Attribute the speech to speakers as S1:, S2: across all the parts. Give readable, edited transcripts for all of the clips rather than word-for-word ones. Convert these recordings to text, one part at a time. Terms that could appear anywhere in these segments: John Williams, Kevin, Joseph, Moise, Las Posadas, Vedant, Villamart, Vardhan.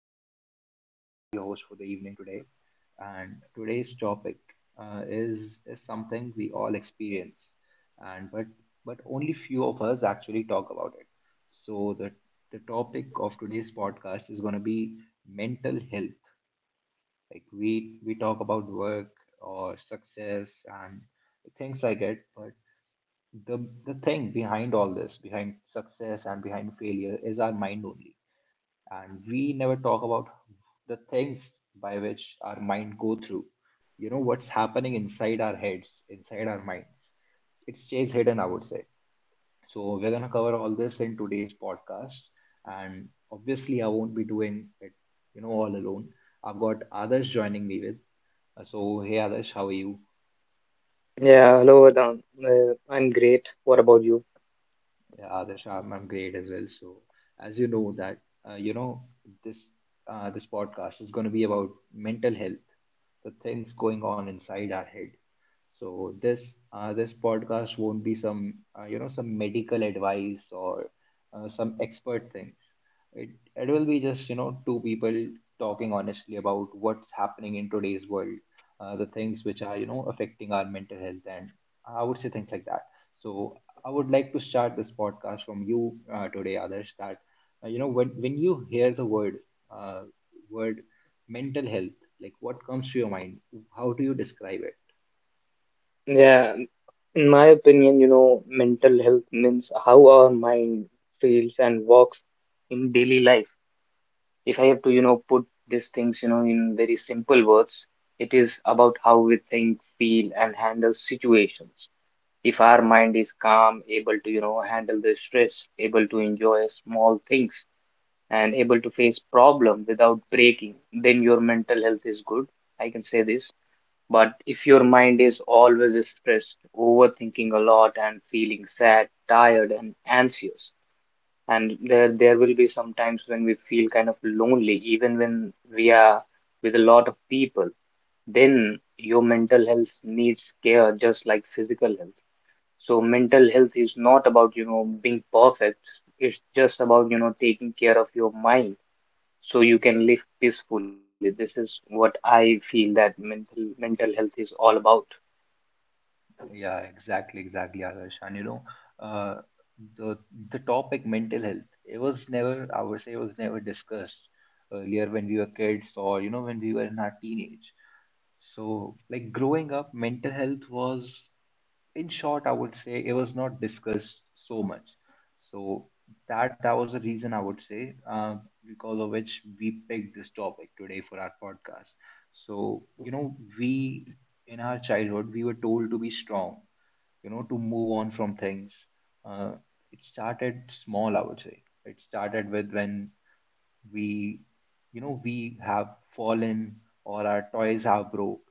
S1: podcast. I'm Vardhan, your host for the evening today, and today's topic is something we all experience, and but only few of us actually talk about it. So the topic of today's podcast is going to be mental health. Like we talk about work or success and things like it, but the thing behind all this, behind success and behind failure, is our mind only, and we never talk about the things by which our mind go through. What's happening inside our heads, inside our minds, it stays hidden, I would say. So we're going to cover all this in today's podcast, and obviously I won't be doing it all alone. I've got others joining me with. So hey others, how are you?
S2: Yeah, hello, Vedant. I'm great. What about you?
S1: Yeah, Adarsh, I'm great as well. So, as you know that, uh, you know, this this podcast is going to be about mental health, the things going on inside our head. So this this podcast won't be some some medical advice or some expert things. It will be just two people talking honestly about what's happening in today's world, the things which are affecting our mental health and I would say things like that. So I would like to start this podcast from you today, others. That when you hear the word uh, word mental health, like what comes to your mind? How do you describe it?
S2: Yeah, in my opinion, mental health means how our mind feels and works in daily life. If I have to, put these things, in very simple words, it is about how we think, feel, and handle situations. If our mind is calm, able to, handle the stress, able to enjoy small things, and able to face problem without breaking, then your mental health is good. I can say this. But if your mind is always stressed, overthinking a lot and feeling sad, tired and anxious, and there will be some times when we feel kind of lonely, even when we are with a lot of people, then your mental health needs care just like physical health. So mental health is not about, being perfect. It's just about, taking care of your mind so you can live peacefully. This is what I feel that mental health is all about.
S1: Yeah, exactly, exactly, Adarsh. And you know, uh, the the topic mental health, it was never, I would say, it was never discussed earlier when we were kids, or you know when we were in our teenage. So, like growing up, mental health was, in short, I would say it was not discussed so much. So that was the reason, I would say, because of which we picked this topic today for our podcast. So you know, we, in our childhood, we were told to be strong, you know, to move on from things. Uh, it started small, I would say. It started with when we we have fallen or our toys have broke,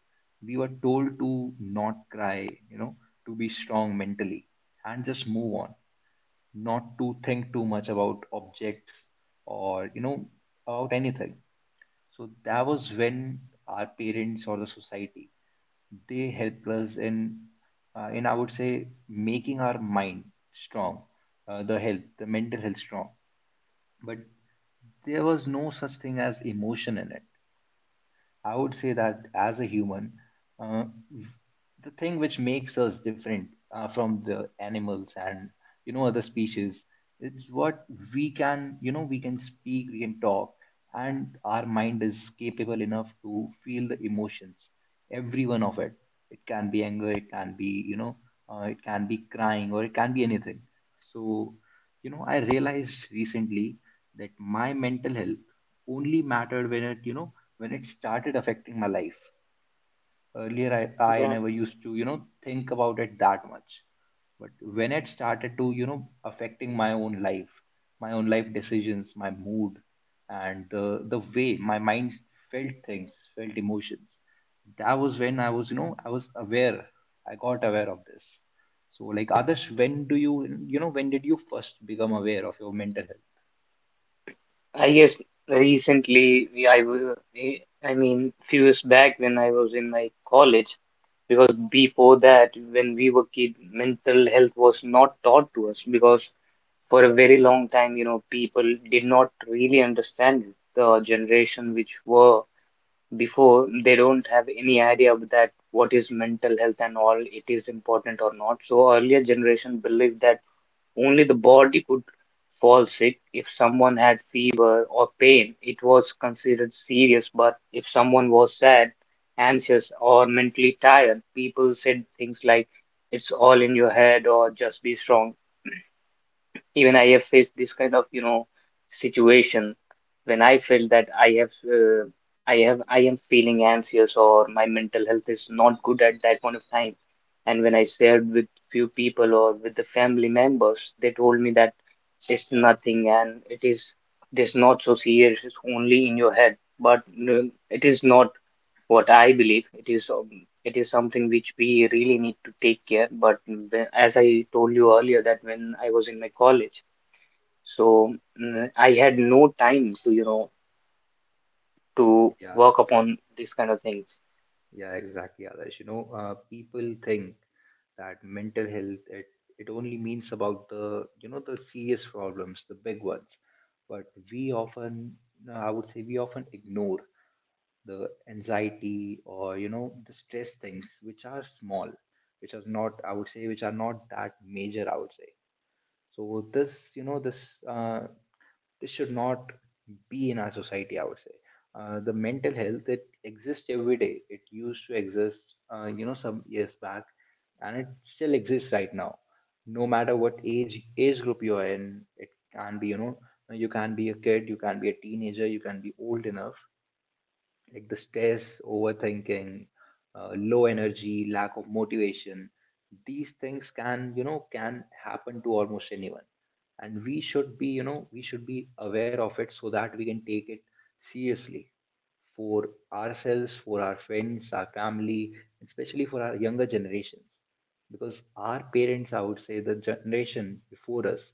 S1: we were told to not cry, you know, to be strong mentally and just move on, not to think too much about objects or you know about anything. So that was when our parents or the society, they helped us in I would say making our mind strong, the mental health strong. But there was no such thing as emotion in it. I would say that as a human, uh, the thing which makes us different from the animals and you know other species, it's what we can, you know, we can speak, we can talk, and our mind is capable enough to feel the emotions, every one of it. It can be anger, it can be you know, it can be crying, or it can be anything. So you know, I realized recently that my mental health only mattered when it, you know, when it started affecting my life. Earlier I
S2: Yeah,
S1: never used to you know think about it that much. But when it started to you know affecting my own life, my own life decisions, my mood, and the way my mind felt things, felt emotions, that was when I was aware, I got aware of this. So like others, when do you, you know, when did you first become aware of your mental health?
S2: I guess recently we, I w- eh, I mean few years back when I was in my college, because before that when we were kid, mental health was not taught to us, because for a very long time people did not really understand it. The generation which were before, they don't have any idea of that what is mental health and all, it is important or not. So earlier generation believed that only the body could fall sick. If someone had fever or pain, it was considered serious, but if someone was sad, anxious, or mentally tired, people said things like, it's all in your head, or just be strong. Even I have faced this kind of, situation when I felt that I am feeling anxious or my mental health is not good at that point of time. And when I shared with few people or with the family members, they told me that it's nothing and it is not so serious. It's only in your head. But no, it is not what I believe. It is something which we really need to take care. But as I told you earlier, that when I was in my college. So I had no time to,
S1: Yeah.
S2: work upon these kind of things.
S1: Yeah, exactly, Adarsh. You know, people think that mental health it, it only means about the you know the serious problems, the big ones. But we often, no, I would say, we often ignore the anxiety or you know the stress things which are small, which are not, I would say, which are not that major. I would say. So this, you know, this this should not be in our society, I would say. The mental health, it exists every day. It used to exist, you know, some years back, and it still exists right now. No matter what age group you are in, it can be, you know, you can be a kid, you can be a teenager, you can be old enough. Like the stress, overthinking, low energy, lack of motivation, these things can, you know, can happen to almost anyone. And we should be, you know, we should be aware of it so that we can take it seriously for ourselves, for our friends, our family, especially for our younger generations, because our parents, I would say the generation before us,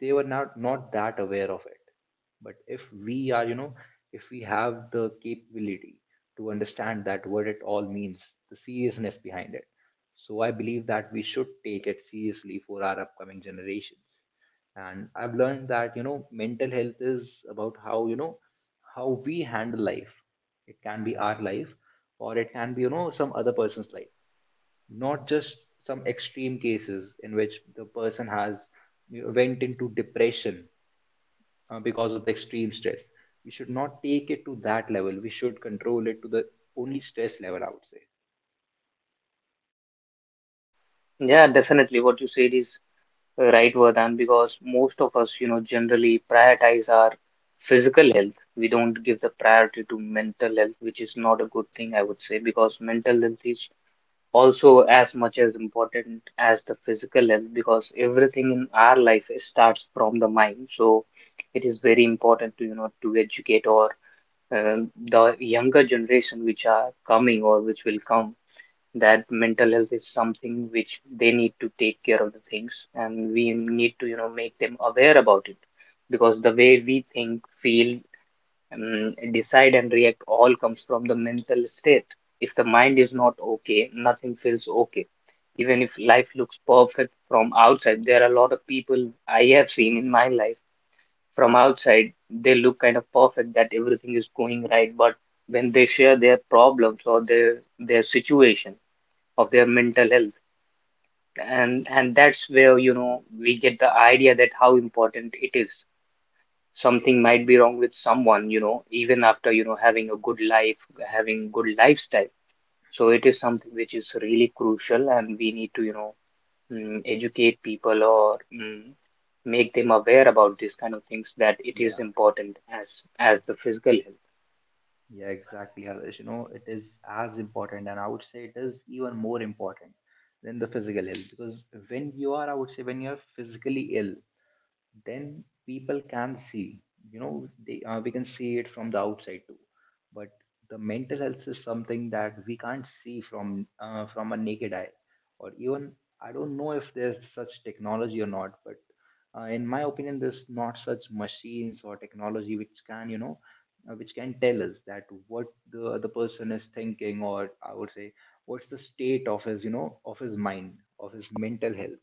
S1: they were not that aware of it. But if we are, you know, if we have the capability to understand that what it all means, the seriousness behind it, so I believe that we should take it seriously for our upcoming generations. And I've learned that you know mental health is about how, you know, how we handle life. It can be our life, or it can be you know some other person's life, not just some extreme cases in which the person has you know went into depression because of the extreme stress. We should not take it to that level. We should control it to the only stress level, I would say.
S2: Yeah, definitely what you said is right, Vardhan, because most of us, generally prioritize our physical health. We don't give the priority to mental health, which is not a good thing, I would say, because mental health is also as much as important as the physical health, because everything in our life starts from the mind. So it is very important to, educate, or uh, the younger generation which are coming or which will come, that mental health is something which they need to take care of the things, and we need to make them aware about it, because the way we think, feel, decide and react all comes from the mental state. If the mind is not okay, nothing feels okay. Even if life looks perfect from outside, there are a lot of people I have seen in my life, from outside they look kind of perfect, that everything is going right, but when they share their problems or their situation of their mental health, and that's where we get the idea that how important it is. Something might be wrong with someone even after having a good life, having good lifestyle. So it is something which is really crucial and we need to educate people, or make them aware about these kind of things, that it is
S1: Yeah,
S2: important as the physical health.
S1: yeah, exactly, Others. You know, it is as important, and I would say it is even more important than the physical health, because when you are, I would say, when you are physically ill, then people can see, you know, they we can see it from the outside too. But the mental health is something that we can't see from a naked eye, or even I don't know if there's such technology or not. But in my opinion there's not such machines or technology which can, you know, which can tell us that what the other person is thinking, or I would say what's the state of his, you know, of his mind, of his mental health.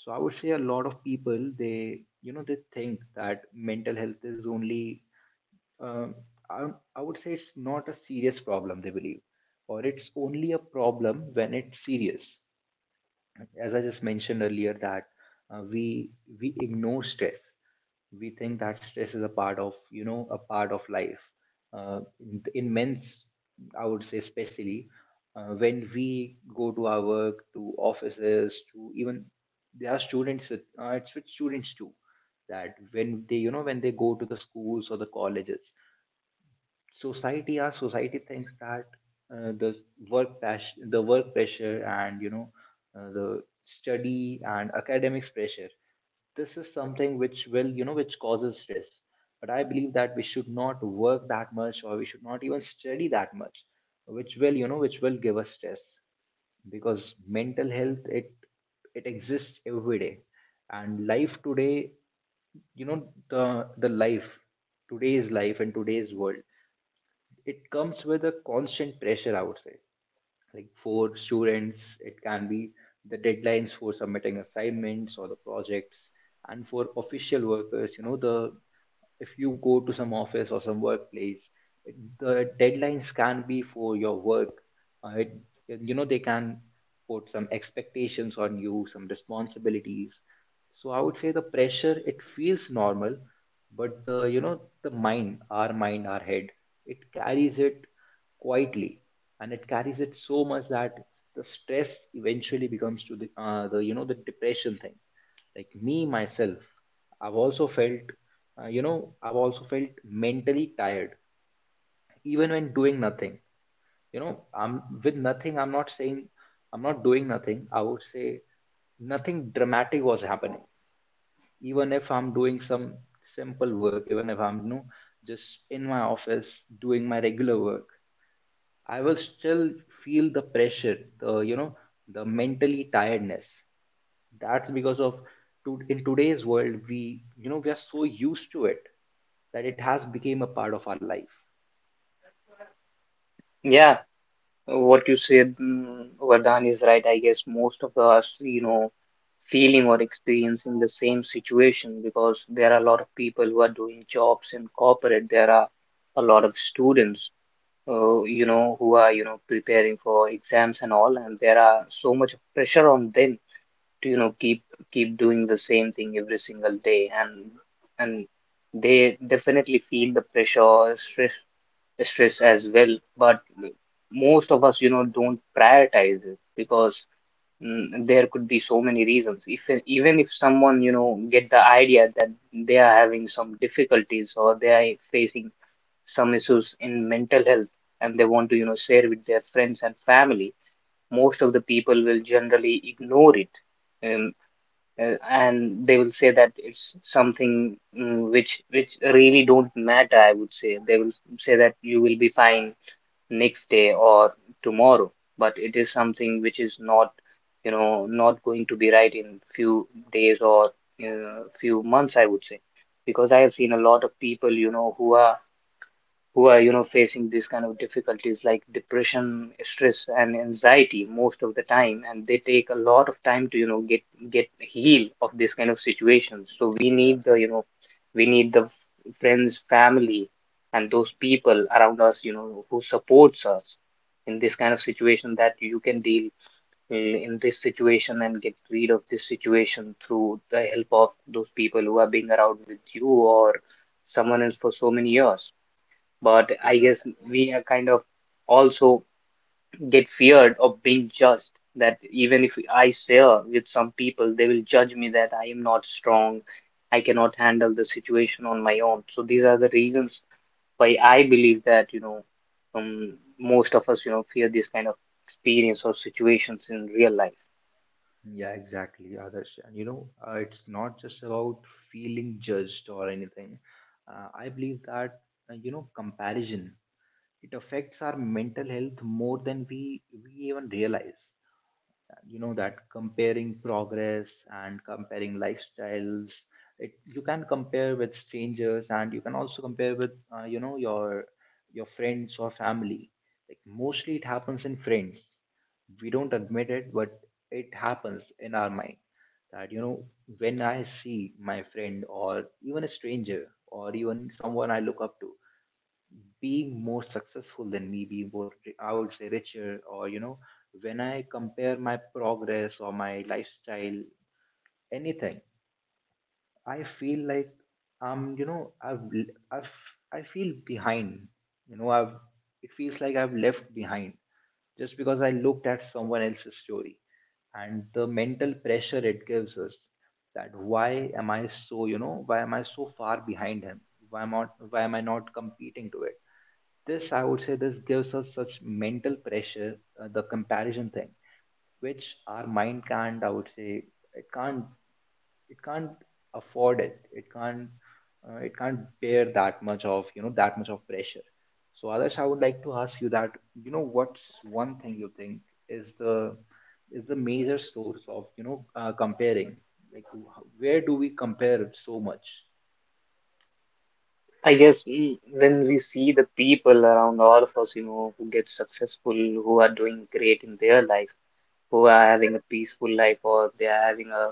S1: So I would say a lot of people, they you know they think that mental health is only um, I, I would say it's not a serious problem, they believe, or it's only a problem when it's serious. As I just mentioned earlier, that uh, we we ignore stress. We think that stress is a part of, you know, a part of life. In men's, I would say especially when we go to our work, to offices, to even there are students with it's with students too. That when they, you know, when they go to the schools or the colleges, society, our society, thinks that uh, the the work pressure and you know the study and academics pressure, this is something which will you know which causes stress. But I believe that we should not work that much, or we should not even study that much, which will you know which will give us stress. Because mental health, it exists every day. And life today, you know, the life today's life and today's world, it comes with a constant pressure, I would say. Like for students it can be the deadlines for submitting assignments or the projects. And for official workers, you know, the, if you go to some office or some workplace, it, the deadlines can be for your work. uh, it, you know, they can put some expectations on you, some responsibilities. So I would say the pressure, it feels normal, but the, you know, the mind our mind, our head, it carries it quietly. And it carries it so much that the stress eventually becomes to the you know the depression thing. Like me myself, I've also felt, you know, I've also felt mentally tired even when doing nothing. You know, I'm not doing nothing, I would say. Nothing dramatic was happening. Even if I'm doing some simple work, even if I'm, you know, just in my office doing my regular work, I will still feel the pressure, the, you know, the mentally tiredness. That's because of in today's world, we, you know, we are so used to it that it has become a part of our life.
S2: Yeah, what you said, Vardhan, is right. I guess most of us, feeling or experiencing the same situation, because there are a lot of people who are doing jobs in corporate. There are a lot of students, who are, preparing for exams and all, and there are so much pressure on them to keep doing the same thing every single day, and they definitely feel the pressure or stress as well, but most of us don't prioritize it, because there could be so many reasons. If even if someone get the idea that they are having some difficulties or they are facing some issues in mental health and they want to share with their friends and family, most of the people will generally ignore it. um, and they will say that it's something which really don't matter, I would say, they will say that you will be fine next day or tomorrow. But it is something which is not not going to be right in few days or few months, I would say. Because I have seen a lot of people who are facing these kind of difficulties like depression, stress and anxiety most of the time, and they take a lot of time to get heal of this kind of situation. So we
S1: Yeah,
S2: need the, we need the f- friends, family and those people around us, who supports us in this kind of situation, that you can deal in this situation and get rid of this situation through the help of those people who are being around with you or someone else for so many years. But
S1: yeah,
S2: I guess
S1: exactly.
S2: we are kind of also get feared of being judged. That even if I share with some people, they will judge me that I am not strong, I cannot handle the situation on my own. So these are the reasons why I believe that um, most of us fear this kind of experience or situations in real life.
S1: Yeah, exactly, Adarsh. And you know, it's not just about feeling judged or anything. I believe that you know comparison, it affects our mental health more than we even realize. And you know that comparing progress and comparing lifestyles, it you can compare with strangers and you can also compare with you know, your friends or family. Like mostly it happens in friends. We don't admit it, but it happens in our mind, that you know, when I see my friend or even a stranger or even someone I look up to being more successful than me, be more, I would say, richer, or you know, when I compare my progress or my lifestyle, anything, I feel like um, you know, I've, i I've, I feel behind. You know, I've, it feels like I've left behind just because I looked at someone else's story, and the mental pressure it gives us, that why am I so, you know, why am I so far behind him? Why am I, why am I not competing to it? This, I would say, this gives us such mental pressure, the comparison thing, which our mind can't, I would say, it can't it can't afford it, it can't, it can't bear that much of, you know, that much of pressure. So others, I would like to ask you that, you know, what's one thing you think is the is the major source of, you know, comparing, like where do we compare so much?
S2: I guess when we see the people around all of us, who get successful, who are doing great in their life, who are having a peaceful life or they are having a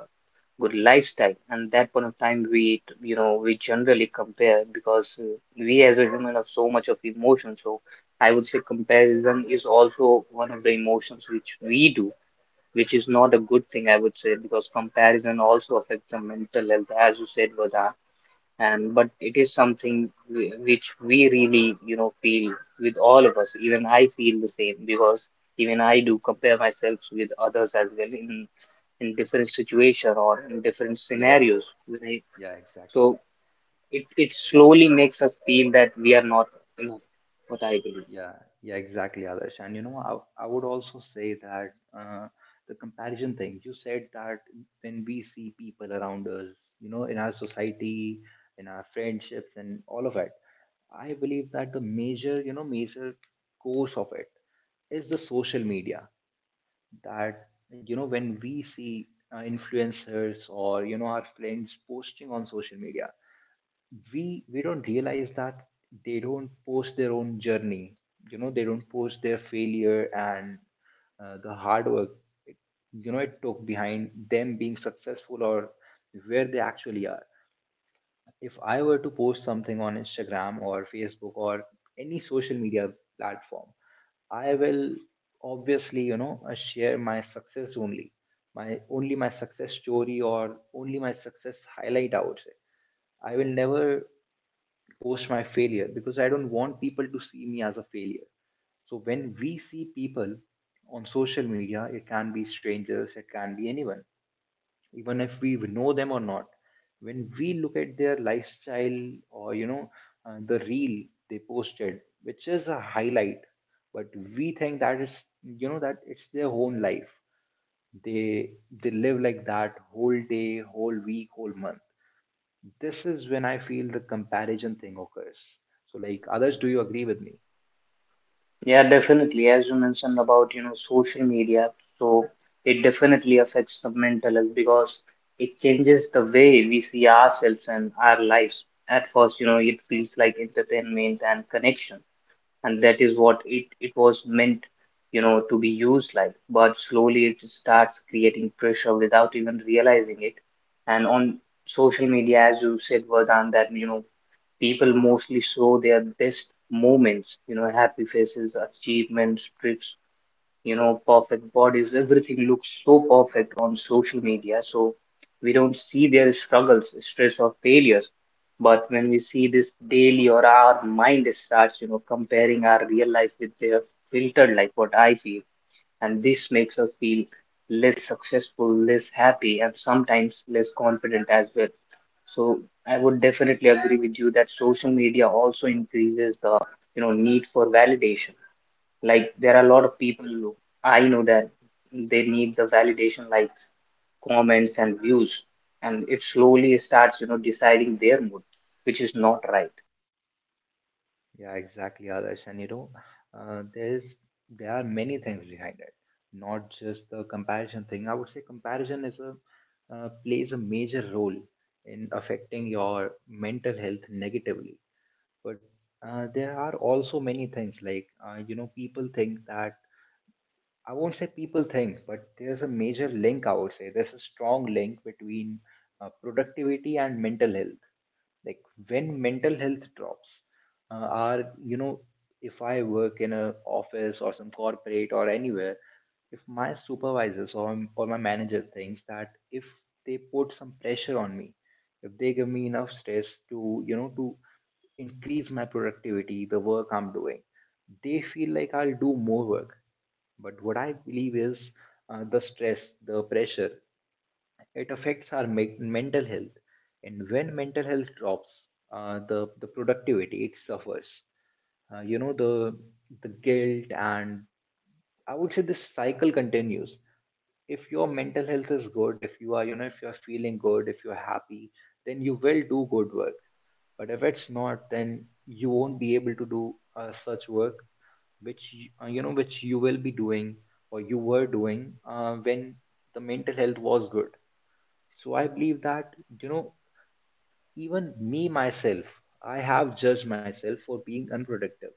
S2: good lifestyle, and that point of time we t- you know we generally compare, because we as a human have so much of emotion. So I would say comparison is also one of the emotions which we do, which is not a good thing, I would say, because comparison also affects the mental health, as you said, Vada. And but it is something which we really feel with all of us, even I feel the same. Because even I do compare myself with others as well, in different situation or in different
S1: Yeah,
S2: scenarios when I —
S1: yeah, exactly.
S2: so it slowly makes us feel that we are not enough, what I believe.
S1: Yeah, yeah, exactly, Adarsh. And you know, I would also say that the comparison thing, you said that, when we see people around us, you know, in our society, in our friendships, and all of it, I believe that the major, you know, major cause of it is the social media. That, you know, when we see influencers or, you know, our friends posting on social media, we don't realize that they don't post their own journey. You know, they don't post their failure and the hard work it, you know, it took behind them being successful or where they actually are. If I were to post something on Instagram or Facebook or any social media platform, I will obviously, you know, share my success only, my success story or only my success highlight, I would say. I will never post my failure because I don't want people to see me as a failure. So when we see people on social media, it can be strangers, it can be anyone, even if we know them or not. When we look at their lifestyle, or you know, the reel they posted, which is a highlight, but we think that is, you know, that it's their own life. They they live like that whole day, whole week, whole month. This is when I feel the comparison thing occurs. So, like, others, do you agree with me?
S2: Yeah, definitely. As you mentioned about, social media, so it definitely affects the mental health, because it changes the way we see ourselves and our lives. At first, it feels like entertainment and connection, and that is what it was meant, to be used like. But slowly it starts creating pressure without even realizing it. And on social media, as you said, Vardhan, that, people mostly show their best moments, happy faces, achievements, trips, perfect bodies. Everything looks so perfect on social media. So we don't see their struggles, stress, or failures. But when we see this daily, or our mind starts, comparing our real life with their filtered life, what I feel. And this makes us feel less successful, less happy, and sometimes less confident as well. So I would definitely agree with you that social media also increases the, need for validation. Like there
S1: Yeah,
S2: are a lot of people who, I know that, they need the validation, likes, comments and views, and it slowly starts, deciding their mood, which is not right.
S1: yeah, exactly, others. And you know, there's there are many things behind it, not just the comparison thing. I would say comparison is a plays a major role in affecting your mental health negatively. But there are also many things like, you know, people think that, I won't say people think, but there's a major link, I would say. There's a strong link between productivity and mental health. Like, when mental health drops, are, you know, if I work in a office or some corporate or anywhere, if my supervisors or my manager thinks that, if they put some pressure on me, if they give me enough stress to, you know, to increase my productivity, the work I'm doing, they feel like I'll do more work. But what I believe is, the stress, the pressure, it affects our mental health. And when mental health drops, the productivity it suffers. You know, the guilt and I would say this cycle continues. If your mental health is good, if you are, you know, if you're feeling good, if you're happy, then you will do good work. But if it's not, then you won't be able to do such work which you, you know, which you will be doing or you were doing when the mental health was good. So I believe that, you know, even me myself, I have judged myself for being unproductive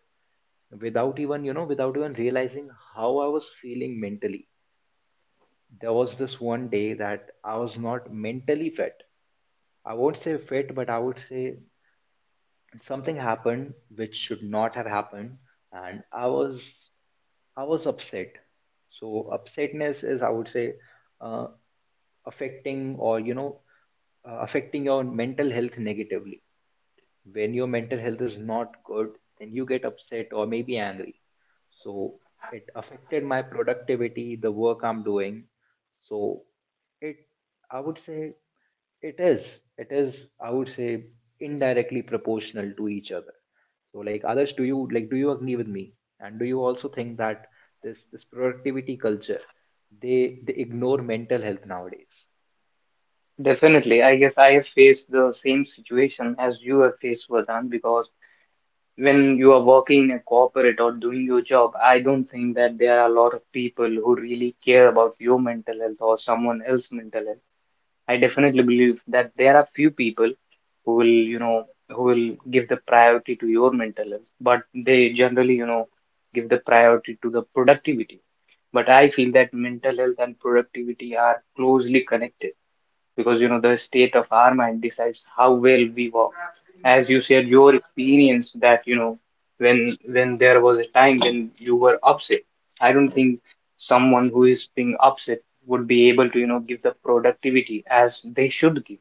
S1: without even, you know, without even realizing how I was feeling mentally. There was this one day that I was not mentally fit. I won't say fit, but I would say something happened which should not have happened. And I was, I was upset. So upsetness is, I would say, uh, affecting or you know, affecting your mental health negatively. When your mental health is not good, then you get upset or maybe angry. So it affected my productivity, the work I'm doing. So it, I would say, it is, I would say, indirectly proportional to each other. So like, others, do you agree with me? And do you also think that this productivity culture, they ignore mental health nowadays?
S2: Definitely, I guess I have faced the same situation as you have faced, Vardhan, because when you are working in a corporate or doing your job, I don't think that there are a lot of people who really care about your mental health or someone else's mental health. I definitely believe that there are few people who will, you know, who will give the priority to your mental health, but they generally, give the priority to the productivity. But I feel that mental health and productivity are closely connected because you know the state of our mind decides how well we walk as you said your experience that you know when there was a time when you were upset. I don't think someone who is being upset would be able to you know give the productivity as they should give.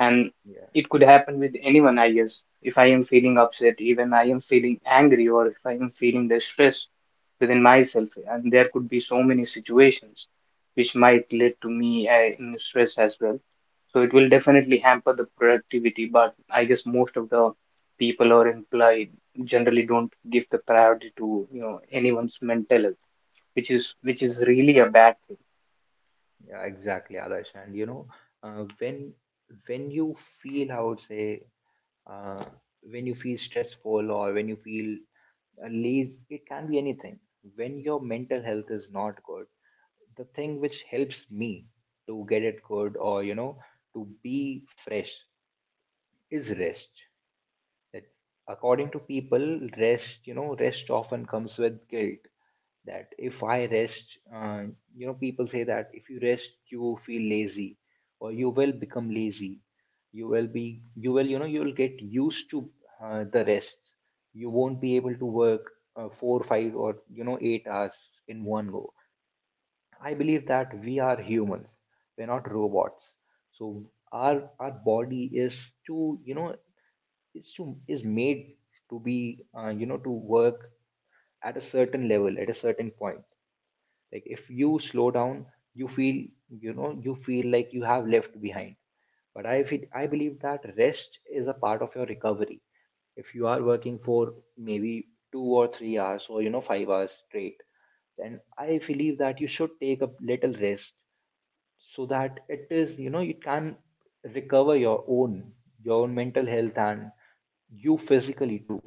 S2: And
S1: Yeah.
S2: it could happen with anyone. I guess if I am feeling upset, even I am feeling angry, or if I am feeling the stress within myself, and there could be so many situations which might lead to me in stress as well. So it will definitely hamper the productivity, but I guess most of the people or employee generally don't give the priority to you know anyone's mental health, which is really a bad thing.
S1: Yeah, exactly, Adarsh. And you know, uh, when when you feel, I would say, uh, when you feel stressful or when you feel lazy, it can be anything. When your mental health is not good, the thing which helps me to get it good, or you know, to be fresh, is rest. That according to people, rest, you know, rest often comes with guilt. That if I rest, you know, people say that if you rest, you feel lazy, or you will become lazy. You will, you know, you will get used to the rest. You won't be able to work four, five, or you know, 8 hours in one go. I believe that we are humans. We're not robots. So our body is too, you know, is made to be, you know, to work at a certain level, at a certain point. Like if you slow down, you feel, you know, you feel like you have left behind. But I feel, I believe that rest is a part of your recovery. If you are working for maybe 2 or 3 hours, or you know, 5 hours straight, then I believe that you should take a little rest, so that it is, you know, you can recover your own, your own mental health and you physically too.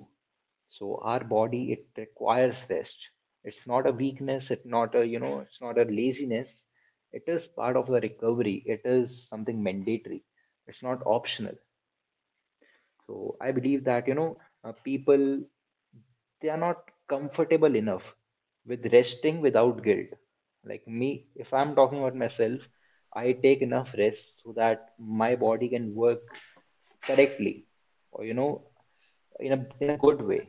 S1: So our body, it requires rest. It's not a weakness, it's not a, you know, it's not a laziness. It is part of the recovery, it is something mandatory. It's not optional. So I believe that, you know, people, they are not comfortable enough with resting without guilt. Like me, if I'm talking about myself, I take enough rest so that my body can work correctly, or you know, in a good way.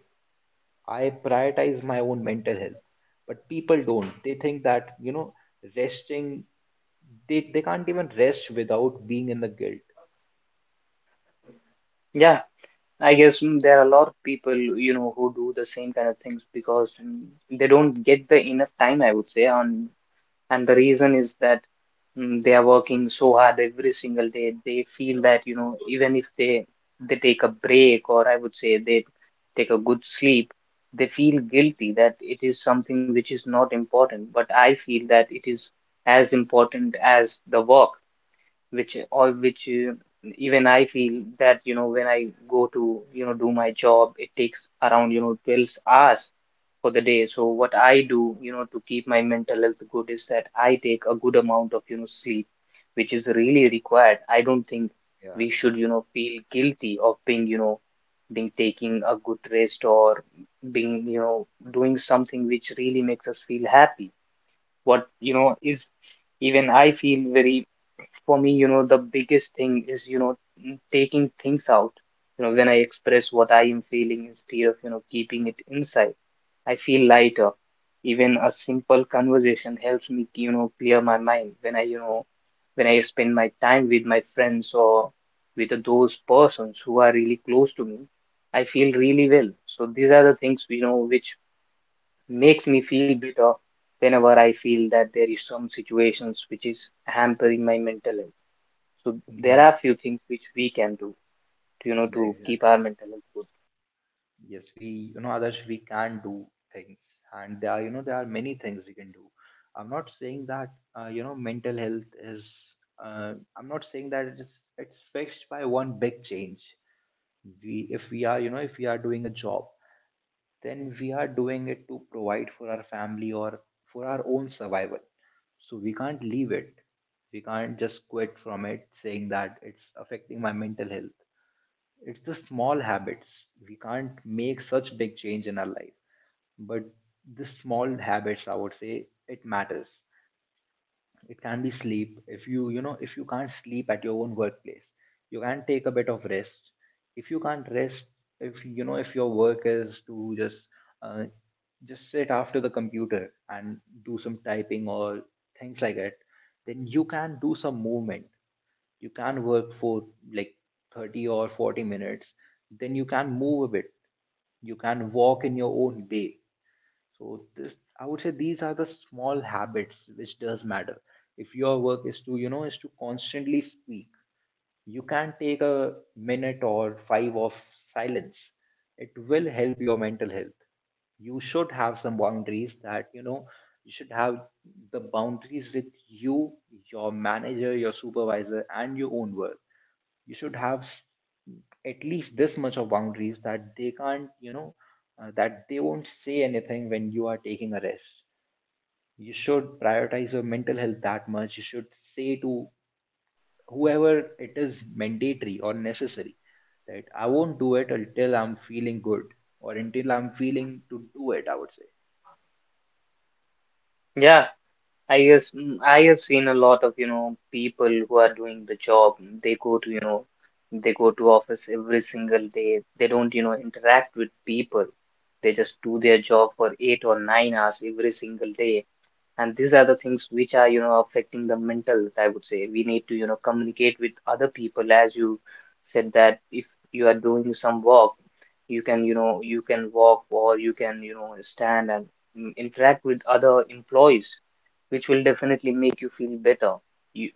S1: I prioritize my own mental health, but people don't. They think that, you know, resting, they can't even rest without being in the guilt.
S2: Yeah, I guess there are a lot of people, you know, who do the same kind of things because they don't get the enough time, I would say, on. And the reason is that they are working so hard every single day. They feel that, you know, even if they take a break, or I would say they take a good sleep, they feel guilty that it is something which is not important. But I feel that it is as important as the work which all which even I feel that you know when I go to you know do my job, it takes around you know 12 hours for the day. So what I do, you know, to keep my mental health good is that I take a good amount of you know sleep, which is really required. I don't think
S1: Yeah,
S2: we should you know feel guilty of being you know being taking a good rest, or being you know doing something which really makes us feel happy. What you know is even I feel very for me, you know, the biggest thing is, you know, taking things out. You know, when I express what I am feeling instead of, you know, keeping it inside, I feel lighter. Even a simple conversation helps me, you know, clear my mind when I, you know, when I spend my time with my friends or with those persons who are really close to me, I feel really well. So these are the things, you know, which makes me feel better whenever I feel that there is some situations which is hampering my mental health. So there
S1: yeah,
S2: are few things which we can do to, you know,
S1: yeah,
S2: to keep
S1: exactly.
S2: our mental health good.
S1: Yes, we, you know, others, we can do things, and there are, you know, there are many things we can do. I'm not saying that, you know, mental health is, I'm not saying that it's fixed by one big change. We, if we are, you know, if we are doing a job, then we are doing it to provide for our family or for our own survival. So we can't leave it. We can't just quit from it saying that it's affecting my mental health. It's the small habits. We can't make such big change in our life. But the small habits, I would say, it matters. It can be sleep. If you, you know, if you can't sleep at your own workplace, you can take a bit of rest. If you can't rest, if you know, if your work is to uh, just sit after the computer and do some typing or things like that, then you can do some movement. You can work for like 30 or 40 minutes, then you can move a bit. You can walk in your own day. So this, I would say, these are the small habits which does matter. If your work is to, you know, is to constantly speak, you can take a minute or five of silence. It will help your mental health. You should have some boundaries that, you know, you should have the boundaries with you, your manager, your supervisor, and your own work. You should have at least this much of boundaries that they can't, you know, that they won't say anything when you are taking a rest. You should prioritize your mental health that much. You should say to whoever it is mandatory or necessary that I won't do it until I'm feeling good, or until I'm feeling to do it, I would say.
S2: Yeah, I guess I have seen a lot of, you know, people who are doing the job. They go to, you know, they go to office every single day. They don't, you know, interact with people. They just do their job for 8 or 9 hours every single day, and these are the things which are you know affecting the mental health. I would say we need to you know communicate with other people, as you said, that if you are doing some walk you can you know you can walk, or you can you know stand and interact with other employees, which will definitely make you feel better. You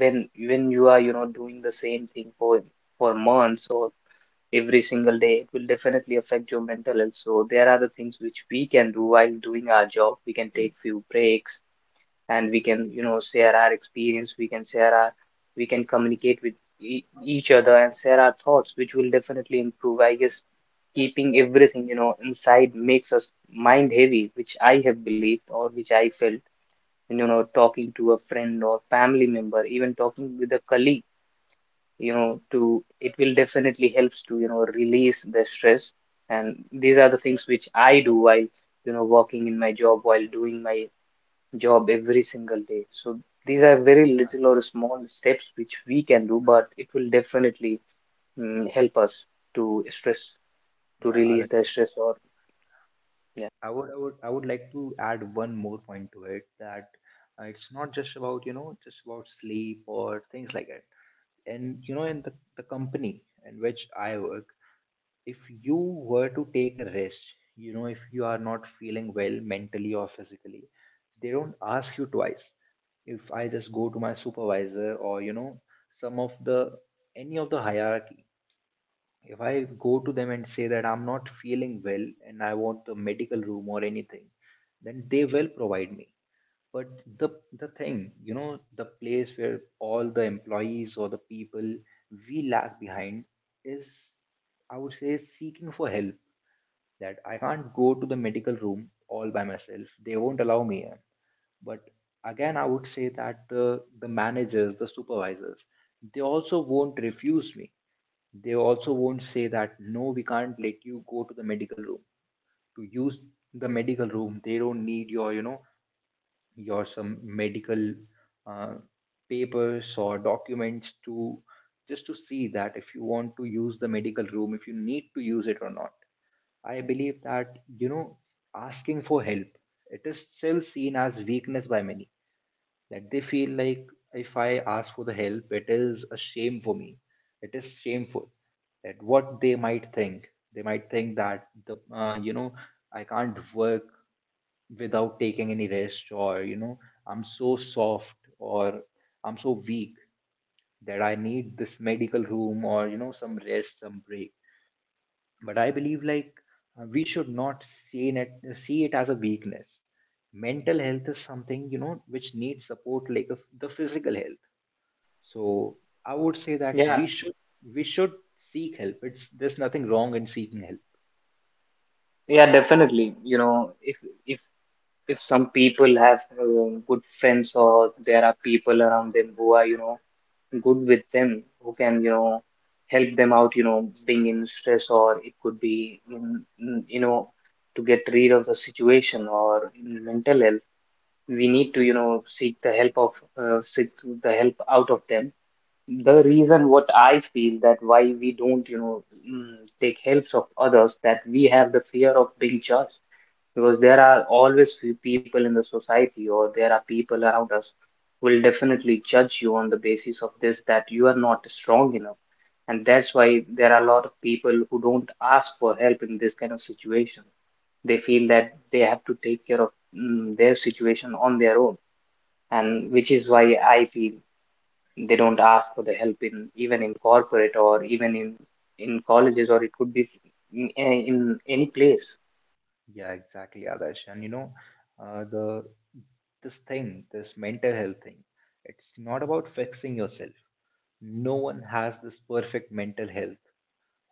S2: when you are you know doing the same thing for months or every single day, it will definitely affect your mental health. So there are the things which we can do while doing our job. We can take few breaks and we can you know share our experience, we can share our, we can communicate with each other and share our thoughts, which will definitely improve, I guess. Keeping everything you know inside makes us mind heavy, which I have believed or which I felt. And, you know, talking to a friend or family member, even talking with a colleague, you know, to it will definitely helps to you know release the stress. And these are the things which I do while you know working in my job, while doing my job every single day. So these are very little or small steps which we can do, but it will definitely help us to stress, to
S1: yeah I
S2: release
S1: like-
S2: the stress, or yeah.
S1: I would like to add one more point to it, that it's not just about, you know, just about sleep or things like that. And you know, in the company in which I work, if you were to take a rest, you know, if you are not feeling well mentally or physically, they don't ask you twice. If I just go to my supervisor, or you know, some of the, any of the hierarchy, if I go to them and say that I'm not feeling well and I want the medical room or anything, then they will provide me. But the thing, you know, the place where all the employees or the people we lag behind is, I would say, seeking for help. That I can't go to the medical room all by myself, they won't allow me in. But again, I would say that the managers, the supervisors, they also won't refuse me. They also won't say that no, we can't let you go to the medical room. To use the medical room, they don't need your, you know, your some medical uh, papers or documents to just to see that if you want to use the medical room, if you need to use it or not. I believe that, you know, asking for help, it is still seen as weakness by many. That they feel like, if I ask for the help, it is a shame for me, it is shameful. That what they might think, they might think that the you know, I can't work without taking any rest, or you know, I'm so soft, or I'm so weak, that I need this medical room, or you know, some rest, some break. But I believe like, we should not see it as a weakness. Mental health is something, you know, which needs support like a, the physical health. So I would say that
S2: Yeah,
S1: we should, we should seek help. It's, there's nothing wrong in seeking help.
S2: yeah, definitely. You know, if if some people have good friends or there are people around them who are, you know, good with them, who can, you know, help them out, you know, being in stress, or it could be in- you know, to get rid of the situation or in mental health, we need to you know seek the help of seek the help out of them. The reason what I feel that why we don't you know take helps of others, that we have the fear of being judged, because there are always few people in the society or there are people around us who will definitely judge you on the basis of this, that you are not strong enough. And that's why there are a lot of people who don't ask for help in this kind of situation. They feel that they have to take care of their situation on their own. And which is why I feel they don't ask for the help in, even in corporate or even in colleges, or it could be in any place.
S1: Yeah, exactly, Adarsh. And you know, the this thing, this mental health thing, it's not about fixing yourself. No one has this perfect mental health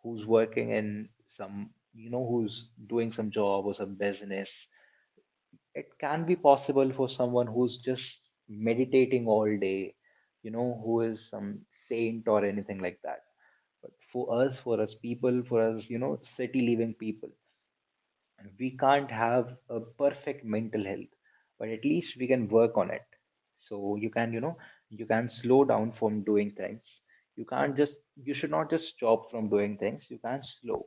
S1: who's working in some, you know, who's doing some job or some business. It can be possible for someone who's just meditating all day, you know, who is some saint or anything like that. But for us people, for us, you know, city living people, we can't have a perfect mental health, but at least we can work on it. So you can, you know, you can slow down from doing things. You can't just, you should not just stop from doing things, you can slow.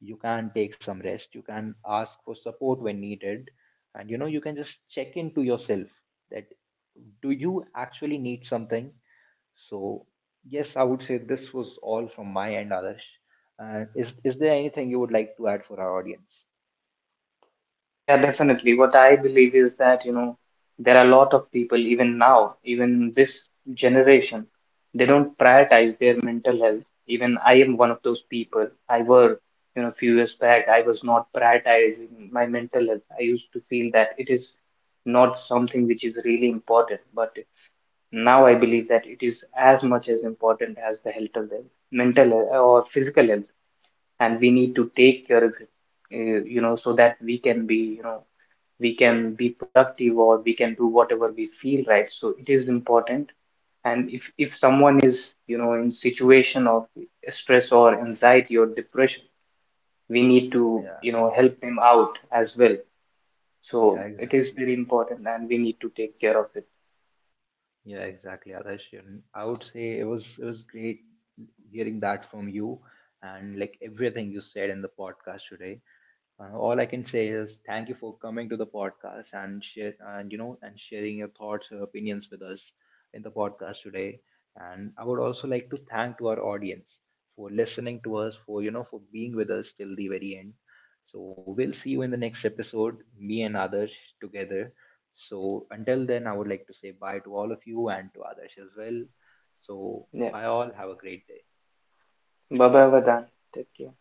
S1: You can take some rest, you can ask for support when needed. And you know, you can just check into yourself that, do you actually need something? So yes, I would say this was all from my end, Adarsh. Is there anything you would like to add for our audience?
S2: Yeah, definitely. What I believe is that you know there are a lot of people even now, even this generation, they don't prioritize their mental health. Even I am one of those people. I were you know a few years back I was not prioritizing my mental health. I used to feel that it is not something which is really important, but now I believe that it is as much as important as the health of the mental or physical health, and we need to take care of it, you know, so that we can be, you know, we can be productive, or we can do whatever we feel right. So it is important. And if someone is, you know, in situation of stress or anxiety or depression, we need to,
S1: Yeah.
S2: you know, help them out as well.
S1: Yeah,
S2: So it is
S1: exactly.
S2: very important, and we need to take care of it.
S1: Yeah, exactly, Adarsh. And I would say it was great hearing that from you, and like everything you said in the podcast today. All I can say is thank you for coming to the podcast and share, and you know, and sharing your thoughts and opinions with us in the podcast today. And I would also like to thank to our audience for listening to us, for, you know, for being with us till the very end. So we'll see you in the next episode, me and others together. So until then, I would like to say bye to all of you and to others as well. So
S2: Yeah,
S1: bye all, have a great day.
S2: bye bye, Vadan. Take care.